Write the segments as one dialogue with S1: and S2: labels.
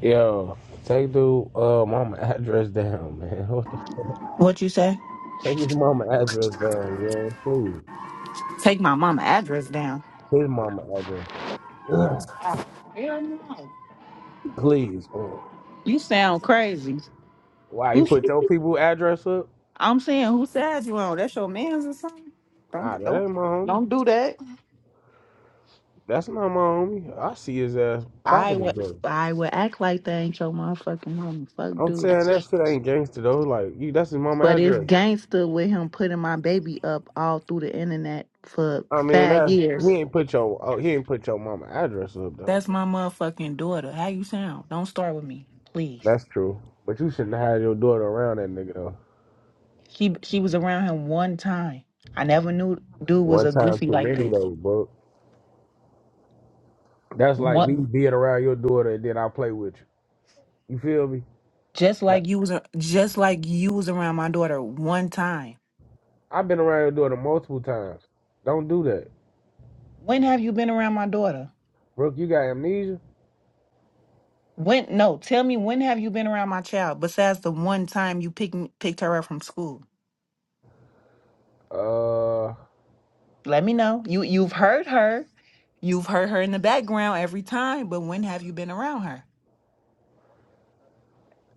S1: Yo, take the uh mama address down, man. What the f-
S2: What you say?
S1: take his mama address down, man. Please,
S2: Take my mama address down.
S1: his mama address down.
S2: Oh, Hell no.
S1: Please. mm.
S2: You sound crazy.
S1: Why you
S2: Who?
S1: put your people address up?
S2: I'm saying who side you on? That's your man's or something?
S1: Nah,
S2: Don't
S1: that
S2: don't
S1: ain't my homie.
S2: don't do that.
S1: That's not my homie. I see his ass
S2: I
S1: clapping his
S2: would
S1: brother.
S2: I would act like that ain't your motherfucking mama. Fuck
S1: I'm
S2: dude.
S1: saying that shit ain't gangster though. Like you, that's his mama
S2: But it's
S1: address.
S2: gangster with him putting my baby up all through the internet for
S1: I mean
S2: five
S1: that
S2: years.
S1: he ain't put your oh, he ain't put your mama address up though.
S2: That's my motherfucking daughter. How you sound? Don't start with me, please.
S1: That's true. But you shouldn't have had your daughter around that nigga though.
S2: She she was around him one time. I never knew dude was
S1: One
S2: a
S1: time
S2: goofy
S1: too
S2: like
S1: many
S2: this.
S1: though, bro. That's like
S2: What?
S1: me being around your daughter and then I play with you. You feel me?
S2: Just like you was a- just like you was around my daughter one time.
S1: I've been around your daughter multiple times. Don't do that.
S2: When have you been around my daughter?
S1: Brooke, you got amnesia?
S2: When? No, tell me when have you been around my child besides the one time you picked picked her up from school?
S1: Uh
S2: Let me know. You you've heard her. You've heard her in the background every time, but when have you been around her?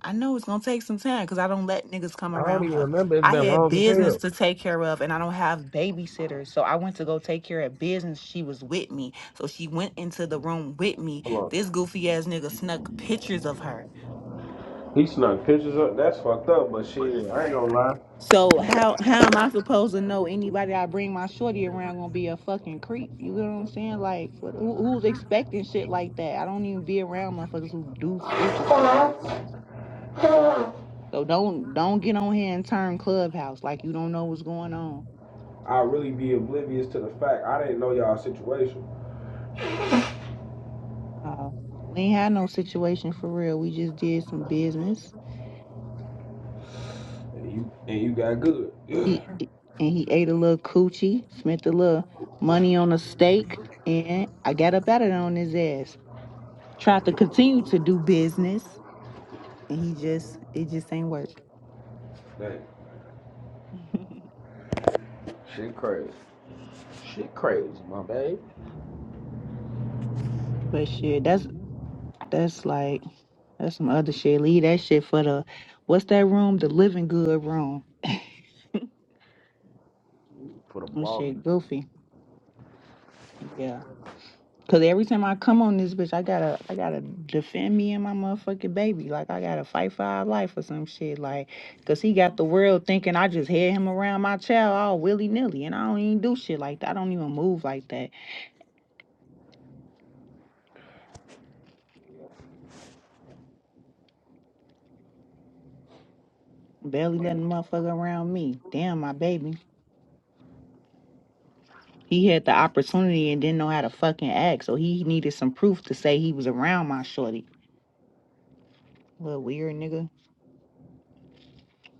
S2: I know it's gonna take some time because I don't let niggas come
S1: I don't
S2: around
S1: even
S2: her.
S1: remember. It's
S2: I
S1: been
S2: had
S1: long as
S2: business
S1: hell.
S2: to take care of and I don't have babysitters. So I went to go take care of business. She was with me. So she went into the room with me.
S1: Hold on.
S2: This goofy ass nigga snuck pictures of her.
S1: He snuck pictures up. That's fucked up, but shit, I ain't gonna lie.
S2: So how how am I supposed to know anybody I bring my shorty around gonna be a fucking creep? You get what I'm saying? Like what, who, who's expecting shit like that? I don't even be around motherfuckers who do stupid shit like that. So don't don't get on here and turn clubhouse like you don't know what's going on.
S1: I really be oblivious to the fact I didn't know y'all situation.
S2: Uh, we ain't had no situation for real. We just did some business.
S1: And you and you got good.
S2: He and he ate a little coochie, spent a little money on a steak, and I got up at it on his ass. Tried to continue to do business, and he just it just ain't work.
S1: Dang. Shit crazy. Shit crazy, my babe.
S2: but shit, that's that's like that's some other shit. Leave that shit for the what's that room? The living good room.
S1: For the
S2: Oh
S1: blogger.
S2: shit, goofy. Yeah. Cause every time I come on this bitch, I gotta I gotta defend me and my motherfucking baby. Like I gotta fight for our life or some shit. Like, cause he got the world thinking I just had him around my child all willy nilly, and I don't even do shit like that. I don't even move like that. Barely letting motherfucker around me. Damn, my baby. He had the opportunity and didn't know how to fucking act, so he needed some proof to say he was around my shorty. Little weird nigga.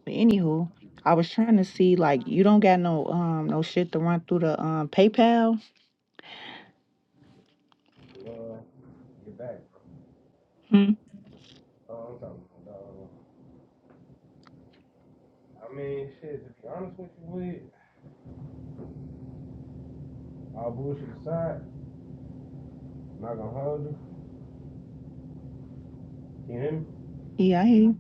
S2: But anywho, I was trying to see like you don't got no um no shit to run through the um PayPal.
S1: Uh, get back. Oh, I'm talking. about, uh, I mean, shit, to be honest with you, Lee, all bullshit aside, I'm not gonna hold you. Can you hear me?
S2: Yeah, I hear you.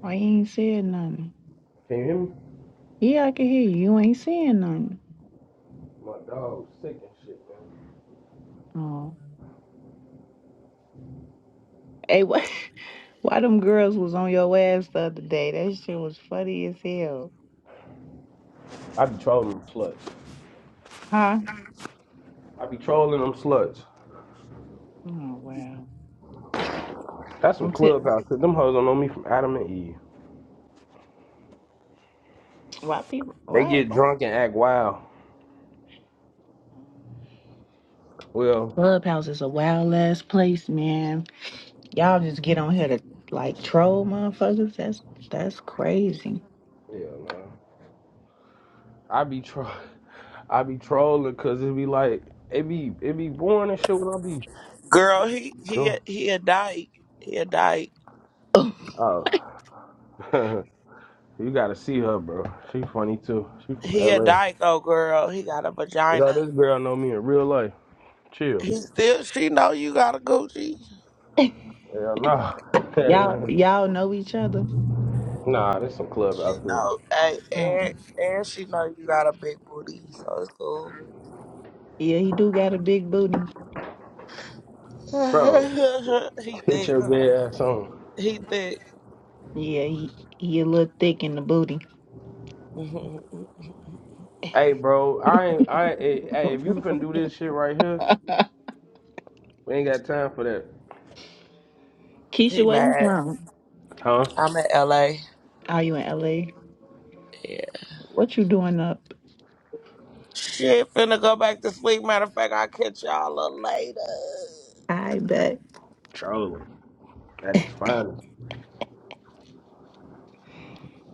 S2: Why you ain't said nothing?
S1: Can you hear me?
S2: Yeah, I can hear you. You ain't saying nothing.
S1: My dog sick and shit,
S2: Oh. Hey, what? Why them girls was on your ass the other day? That shit was funny as hell.
S1: man. I be trolling them sluts.
S2: Huh?
S1: I be trolling them sluts.
S2: Oh, wow.
S1: That's some
S2: I'm si-
S1: clubhouse shit. Them hoes don't know me from Adam and Eve.
S2: Why people?
S1: They
S2: Why?
S1: get
S2: why?
S1: drunk and act wild. Well,
S2: Clubhouse is a wild ass place, man. Y'all just get on here to like troll motherfuckers. That's that's crazy.
S1: yeah, man. I be tro- I be trolling cause it be like it be it be boring and shit when I be
S3: Girl, he he
S1: doing.
S3: a- he a dyke. He a dyke.
S1: Oh, you gotta see her, bro. She funny too. She from
S3: He a
S1: LA.
S3: dyke. Oh, girl, he got a
S1: Now this
S3: vagina.
S1: girl know me in real life. Chill.
S3: He still. She know you got a Gucci.
S1: Hell nah.
S2: Y'all y'all know each other.
S1: nah, this some club
S3: She
S1: out there.
S3: know. Hey,
S2: Um,
S3: and and she know you got a big booty, so it's cool.
S2: yeah, he do got a big booty.
S1: Bro,
S3: he
S1: get
S3: thick.
S1: your
S3: Huh?
S1: gay ass on.
S3: He thick.
S2: Yeah, he he a little thick in the booty.
S1: Hey bro, I ain't I ain't- hey, hey if you finna do this shit right here, we ain't got time for that.
S2: Keisha,
S3: he
S2: where you
S3: mad.
S2: from?
S1: Huh?
S3: I'm in L.A.
S2: Are you in LA?
S3: Yeah.
S2: What you doing up?
S3: Shit, finna go back to sleep. Matter of fact, I'll catch y'all a little later.
S2: I bet
S1: Trolling. That is fine.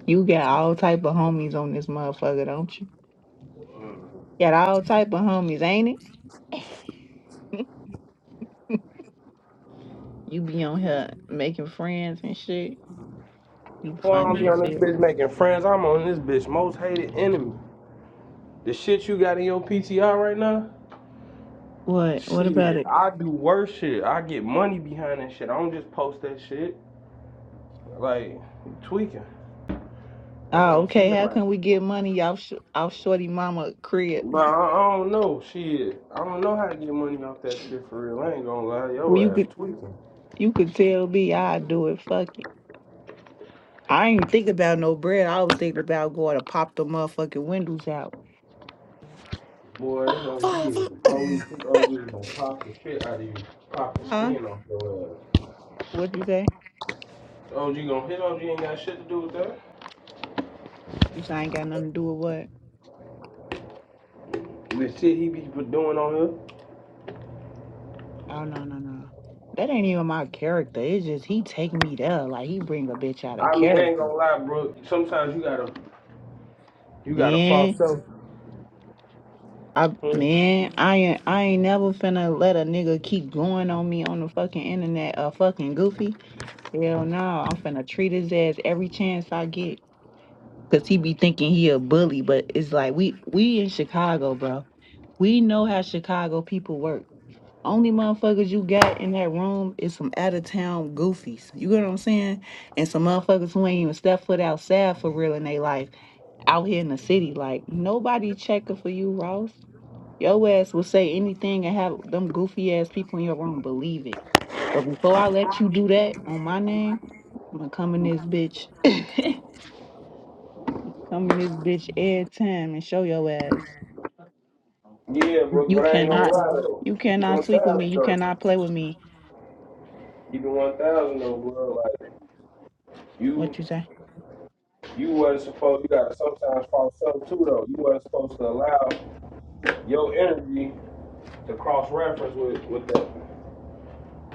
S2: you got all type of homies on this motherfucker, don't you? Got all type of homies, ain't it? you be on here making friends and shit. You
S1: Boy, I don't be
S2: funny as
S1: on this
S2: hell.
S1: bitch making friends. I'm on this bitch most hated enemy. The shit you got in your PTR right now?
S2: What? What about
S1: Shit,
S2: it?
S1: I do worse shit. I get money behind that shit. I don't just post that shit. Like, you tweaking. That's what
S2: Oh,
S1: I'm saying.
S2: okay.
S1: Like,
S2: How can we
S1: but
S2: get money off sh- off Shorty Mama crib?
S1: I, I don't know. Shit, I don't know how to get money off that shit for real. I ain't gonna lie,
S2: Well, you
S1: your ass
S2: could
S1: tweaking.
S2: you could tell me I do it. Fuck it. I ain't think about no bread. I was thinking about going to pop the motherfucking windows out.
S1: Boy, that's all you is. The police, these OGs gonna pop the shit out of you, pop the
S2: Huh?
S1: skin off your ass.
S2: What'd you say?
S1: OG gonna hit OG ain't got shit to do with that.
S2: You say I ain't got nothing to do with what?
S1: With shit he be doing on here.
S2: Oh no no no. That ain't even my character. It's just he take me there. Like he bring a bitch out of
S1: I mean, I ain't
S2: character.
S1: gonna lie, bro. Sometimes you gotta, you gotta false
S2: Man,
S1: self.
S2: I
S1: Hmm?
S2: man, I ain't I ain't never finna let a nigga keep going on me on the fucking internet a fucking goofy. Hell no, I'm finna treat his ass every chance I get. Cause he be thinking he a bully, but it's like we we in Chicago, bro. We know how Chicago people work. Only motherfuckers you got in that room is some out of town goofies. You get what I'm saying? And some motherfuckers who ain't even stepped foot outside for real in their life out here in the city. Like nobody checking for you, Ross. Your ass will say anything and have them goofy ass people in your room believe it. But before I let you do that on my name, I'm gonna come in this bitch, come in this bitch every time and show your ass.
S1: Yeah,
S2: You
S1: bro, but I ain't gonna
S2: cannot,
S1: lie though.
S2: you
S1: Keep it one
S2: cannot tweak with me.
S1: thousand
S2: You
S1: though.
S2: cannot play with me.
S1: Keep it one thousand though, bro. Like you
S2: What you say?
S1: You wasn't supposed. You gotta sometimes follow something too, though. You wasn't supposed to allow your energy to cross reference with with that.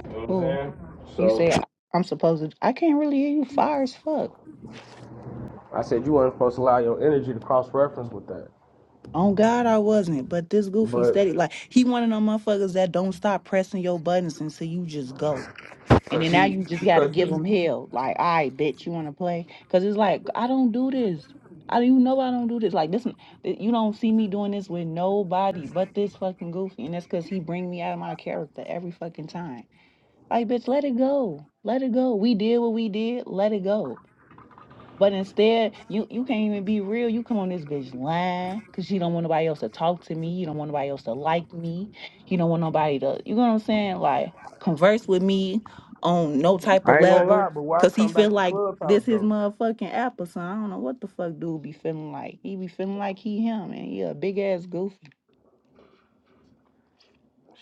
S1: You know what I'm
S2: Who?
S1: saying?
S2: You
S1: So
S2: say I'm supposed to. I can't really hear you. Fire as fuck.
S1: I said you wasn't supposed to allow your energy to cross reference with that.
S2: On God, I wasn't. But this goofy
S1: But
S2: steady, like he one of them motherfuckers that don't stop pressing your buttons until you just go. And
S1: because
S2: then now
S1: he,
S2: you just gotta
S1: because
S2: give
S1: he's,
S2: him hell. Like, all right, bitch, you wanna play? Cause it's like I don't do this. I you know I don't do this. Like this, you don't see me doing this with nobody but this fucking goofy, and that's cause he bring me out of my character every fucking time. Like, bitch, let it go. Let it go. We did what we did. Let it go. But instead, you you can't even be real. You come on this bitch lying because you don't want nobody else to talk to me. You don't want nobody else to like me. You don't want nobody to, you know what I'm saying? Like converse with me on no type of
S1: I ain't gonna
S2: level.
S1: lie, but why
S2: Cause he
S1: come
S2: feel
S1: back to
S2: like
S1: clubhouse
S2: this his
S1: though?
S2: motherfucking apple. son. I don't know what the fuck dude be feeling like. He be feeling like he him and he a big ass goofy.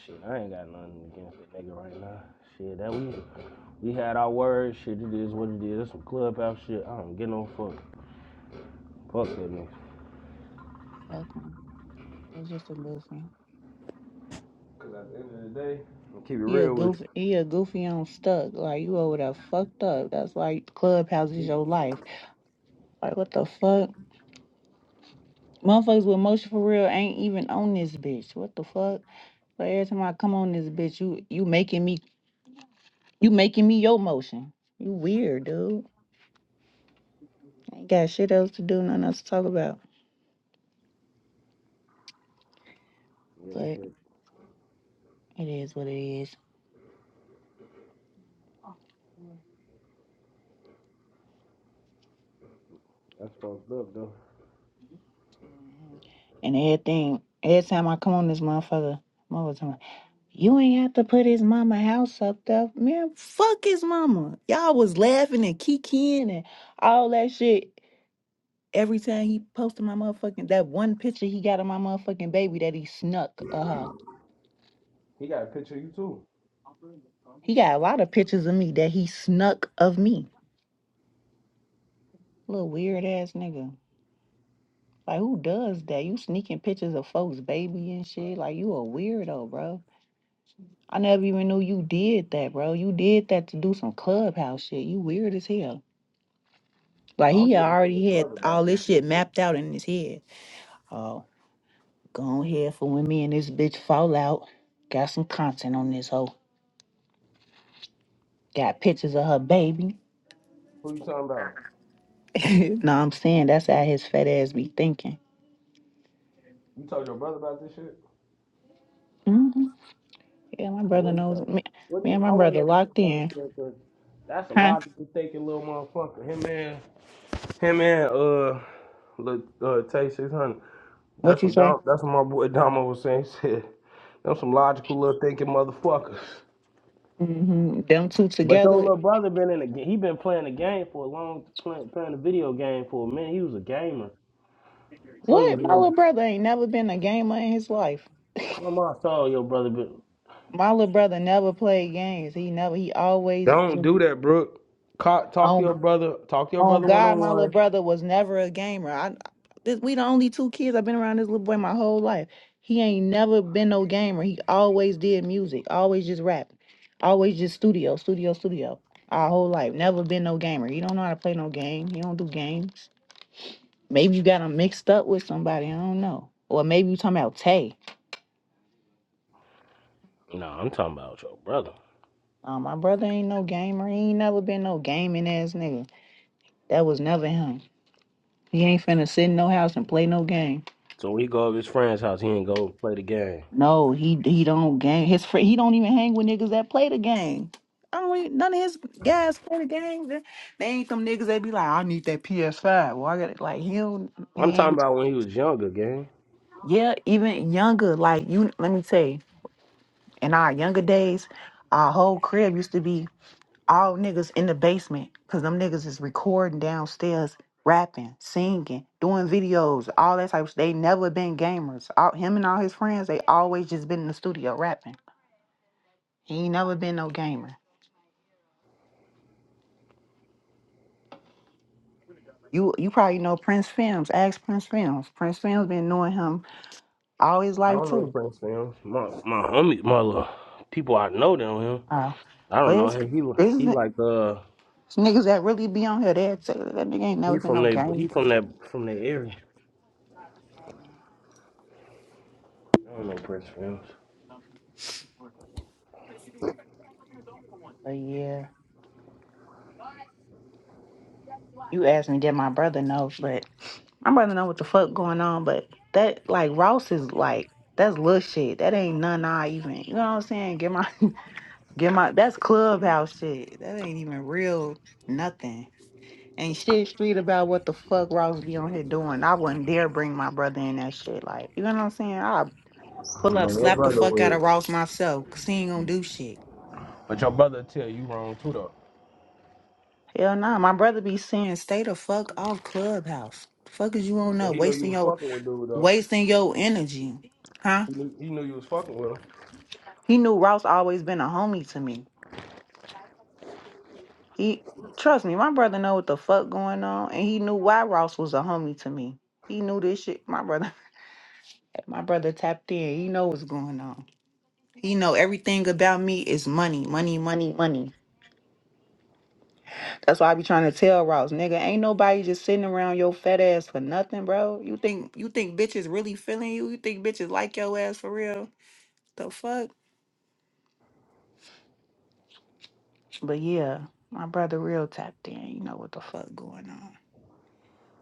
S1: Shit, I ain't got nothing against that nigga right now. Shit, that we we had our words. Shit, it is what it is. That's some clubhouse shit. I don't get no fuck. Fuck that nigga.
S2: Fuck him. That's just a goofy.
S1: Cause at the end of the day, I'm gonna keep it
S2: He a
S1: real with
S2: goofy he a goofy on stuck. Like you over there fucked up. That's like clubhouse
S1: you.
S2: is your life. Like what the fuck? Motherfuckers with motion for real ain't even on this bitch. What the fuck? But every time I come on this bitch, you you making me you making me your motion. You weird, dude. Ain't got shit else to do, nothing else to talk about.
S1: Yeah, that
S2: But
S1: shit,
S2: it is what it is.
S1: that's fucked up though.
S2: Mhm. And everything, every time I come on this motherfucker, motherfucker, talking about, you ain't have to put his mama house up there. Man, fuck his mama. Y'all was laughing and kikiing and all that shit. Every time he posted my motherfucking that one picture he got of my motherfucking baby that he snuck. Uh huh.
S1: He got a picture of you too.
S2: He got a lot of pictures of me that he snuck of me. Little weird ass nigga. Like who does that? You sneaking pictures of folks' baby and shit. Like you a weirdo, bro. I never even knew you did that, bro. You did that to do some clubhouse shit. You weird as hell. Like
S1: I hope
S2: he
S1: you don't tell your
S2: already had
S1: brother
S2: all
S1: about this
S2: this shit
S1: shit.
S2: mapped out in his head. Oh, go on here for when me and this bitch fall out. Got some content on this hoe. Got pictures of her baby.
S1: Who you talking about?
S2: no, I'm saying that's how his fat ass be thinking.
S1: You told your brother about this shit?
S2: hmm Yeah, my
S1: And
S2: brother
S1: what he say?
S2: knows. Me,
S1: What do
S2: me
S1: you,
S2: and my
S1: I want to know
S2: brother
S1: what
S2: locked
S1: your brother
S2: in.
S1: said because that's a
S2: Huh?
S1: logical thinking little motherfucker. Him and him and uh, look, uh, Tay six hundred. That's
S2: What you
S1: what
S2: say?
S1: Dom, that's what my boy Domo was saying. He said, "Them some logical little thinking motherfuckers."
S2: hmm Them two
S1: But your
S2: together.
S1: little brother been in the ga- he been playing the game for a long playing playing the video game for a minute. He was a gamer. So you
S2: What? My
S1: know,
S2: little brother ain't never been a gamer in his life.
S1: tell my soul, your brother, but
S2: My little brother never played games. He never. He always
S1: don't
S2: just
S1: do that, Brooke. Ca- Talk to
S2: on
S1: your brother. Talk to your
S2: On
S1: brother one
S2: God,
S1: on
S2: my little
S1: one.
S2: brother was never a gamer. I this, we the only two kids. I've been around this little boy my whole life. He ain't never been no gamer. He always did music, always just rap, always just studio, studio, studio. Our whole life, never been no gamer. He don't know how to play no game. He don't do games. Maybe you got him mixed up with somebody. I don't know. Or maybe you talking about Tay.
S1: No, I'm talking about your brother.
S2: Uh, my brother ain't no gamer. He ain't never been no gaming ass nigga. That was never him. He ain't finna sit in no house and play no game.
S1: So when he go over his friend's house, he ain't go play the game.
S2: No, he he don't gang. His friend, he don't even hang with niggas that play the game. I don't even, none of his guys play the game. They, they ain't them niggas that be like, I need that PS Five. Well, I got it. Like he don't,
S1: I'm
S2: he
S1: talking
S2: ain't.
S1: about when he was younger, gang.
S2: Yeah, even younger. Like you, let me tell you. In our younger days, our whole crib used to be all niggas in the basement because them niggas is recording downstairs, rapping, singing, doing videos, all that type. of. They never been gamers. All, him and all his friends, they always just been in the studio rapping. He ain't never been no gamer. You you probably know Prince Films. Ask Prince Films. Prince Films been knowing him all his
S1: I
S2: life
S1: don't know
S2: too.
S1: Prince Films. My my homie, my little people I know know him.
S2: Uh,
S1: I
S2: but
S1: don't know
S2: it's,
S1: him. He
S2: it's,
S1: he like
S2: it's
S1: uh
S2: niggas that really be on here. That that nigga ain't never
S1: he
S2: been
S1: from
S2: no
S1: they
S2: gamer.
S1: he from that from that area. I don't know Prince Films.
S2: But yeah, you asked me that my brother knows, but my brother know what the fuck going on. But that like Ross is like that's little shit. That ain't none I even. You know what I'm saying? Get my get my. That's clubhouse shit. That ain't even real nothing. Ain't shit street about what the fuck Ross be on here doing. I wouldn't dare bring my brother in that shit. Like, you know what I'm saying? I'll
S1: But
S2: pull up,
S1: your
S2: slap the
S1: brother
S2: fuck out of
S1: would.
S2: Ross myself. 'cause he ain't gonna do shit.
S1: But your brother tell you wrong too though.
S2: Hell nah, my brother be saying, stay the fuck off Clubhouse. The fuck is you on
S1: But
S2: up
S1: he knew you
S2: wasting
S1: was
S2: your
S1: fucking with dude though.
S2: wasting your energy, huh?
S1: He knew, he knew you was fucking with him.
S2: He knew Ross always been a homie to me. He trust me, my brother know what the fuck going on, and he knew why Ross was a homie to me. He knew this shit. My brother, my brother tapped in. He know what's going on. You know, everything about me is money, money, money, money. That's why I be trying to tell Ross, nigga, ain't nobody just sitting around your fat ass for nothing, bro. You think you think bitches really feeling you? You think bitches like your ass for real? The fuck? But yeah, my brother real tapped in. You know what the fuck going on.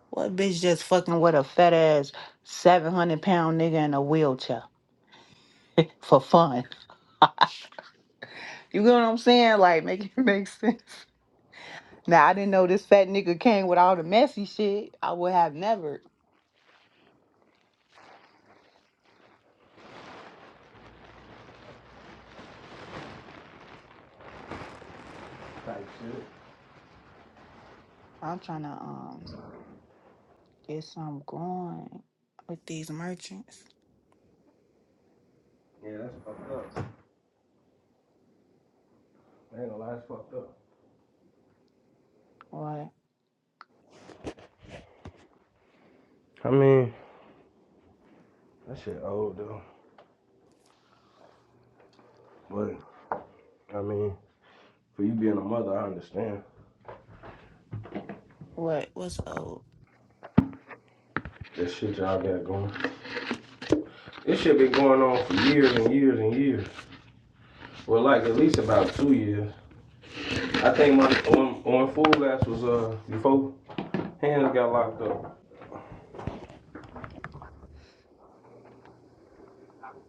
S2: What bitch just fucking with a fat ass seven hundred pound nigga in a wheelchair for fun? You know what I'm saying? Like make it make sense. Now I didn't know this fat nigga came with all the messy shit. I would have never.
S1: Type shit.
S2: I'm trying to um get some going with these merchants.
S1: Yeah, that's fucked up. I ain't gonna lie, that's fucked up.
S2: What?
S1: I mean, that shit old though. But I mean, for you being a mother, I understand
S2: What? What's old?
S1: that shit y'all got going. This shit been going on for years and years and years. Well, like at least about two years. I think my on when Fool Ass was uh before hands got locked up.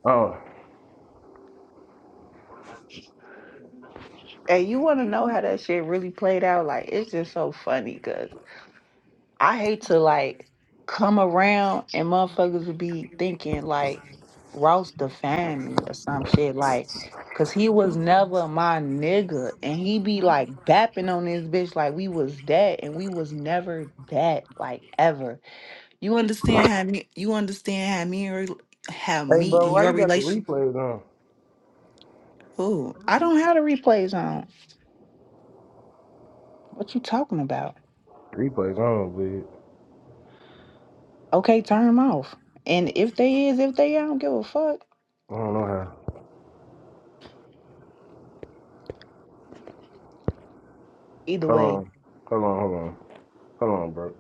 S1: Oh,
S2: Hey, you want to know how that shit really played out? Like, it's just so funny because I hate to like come around and motherfuckers would be thinking like Ross defamed me or some shit. Like, cause he was never my nigga, and he be like bapping on this bitch like we was that, and we was never that, like ever. You understand how me? You understand how me and rel- how
S1: hey
S2: me
S1: bro,
S2: and
S1: why
S2: your
S1: you got the
S2: relation?
S1: replays on?
S2: Oh, I don't have the replays on. What you talking about?
S1: Replays on, bitch.
S2: Okay, turn them off. And if they is, if they, I don't give a fuck.
S1: I don't know how.
S2: Either
S1: Hold
S2: way.
S1: on, hold on, hold on, hold on, bro.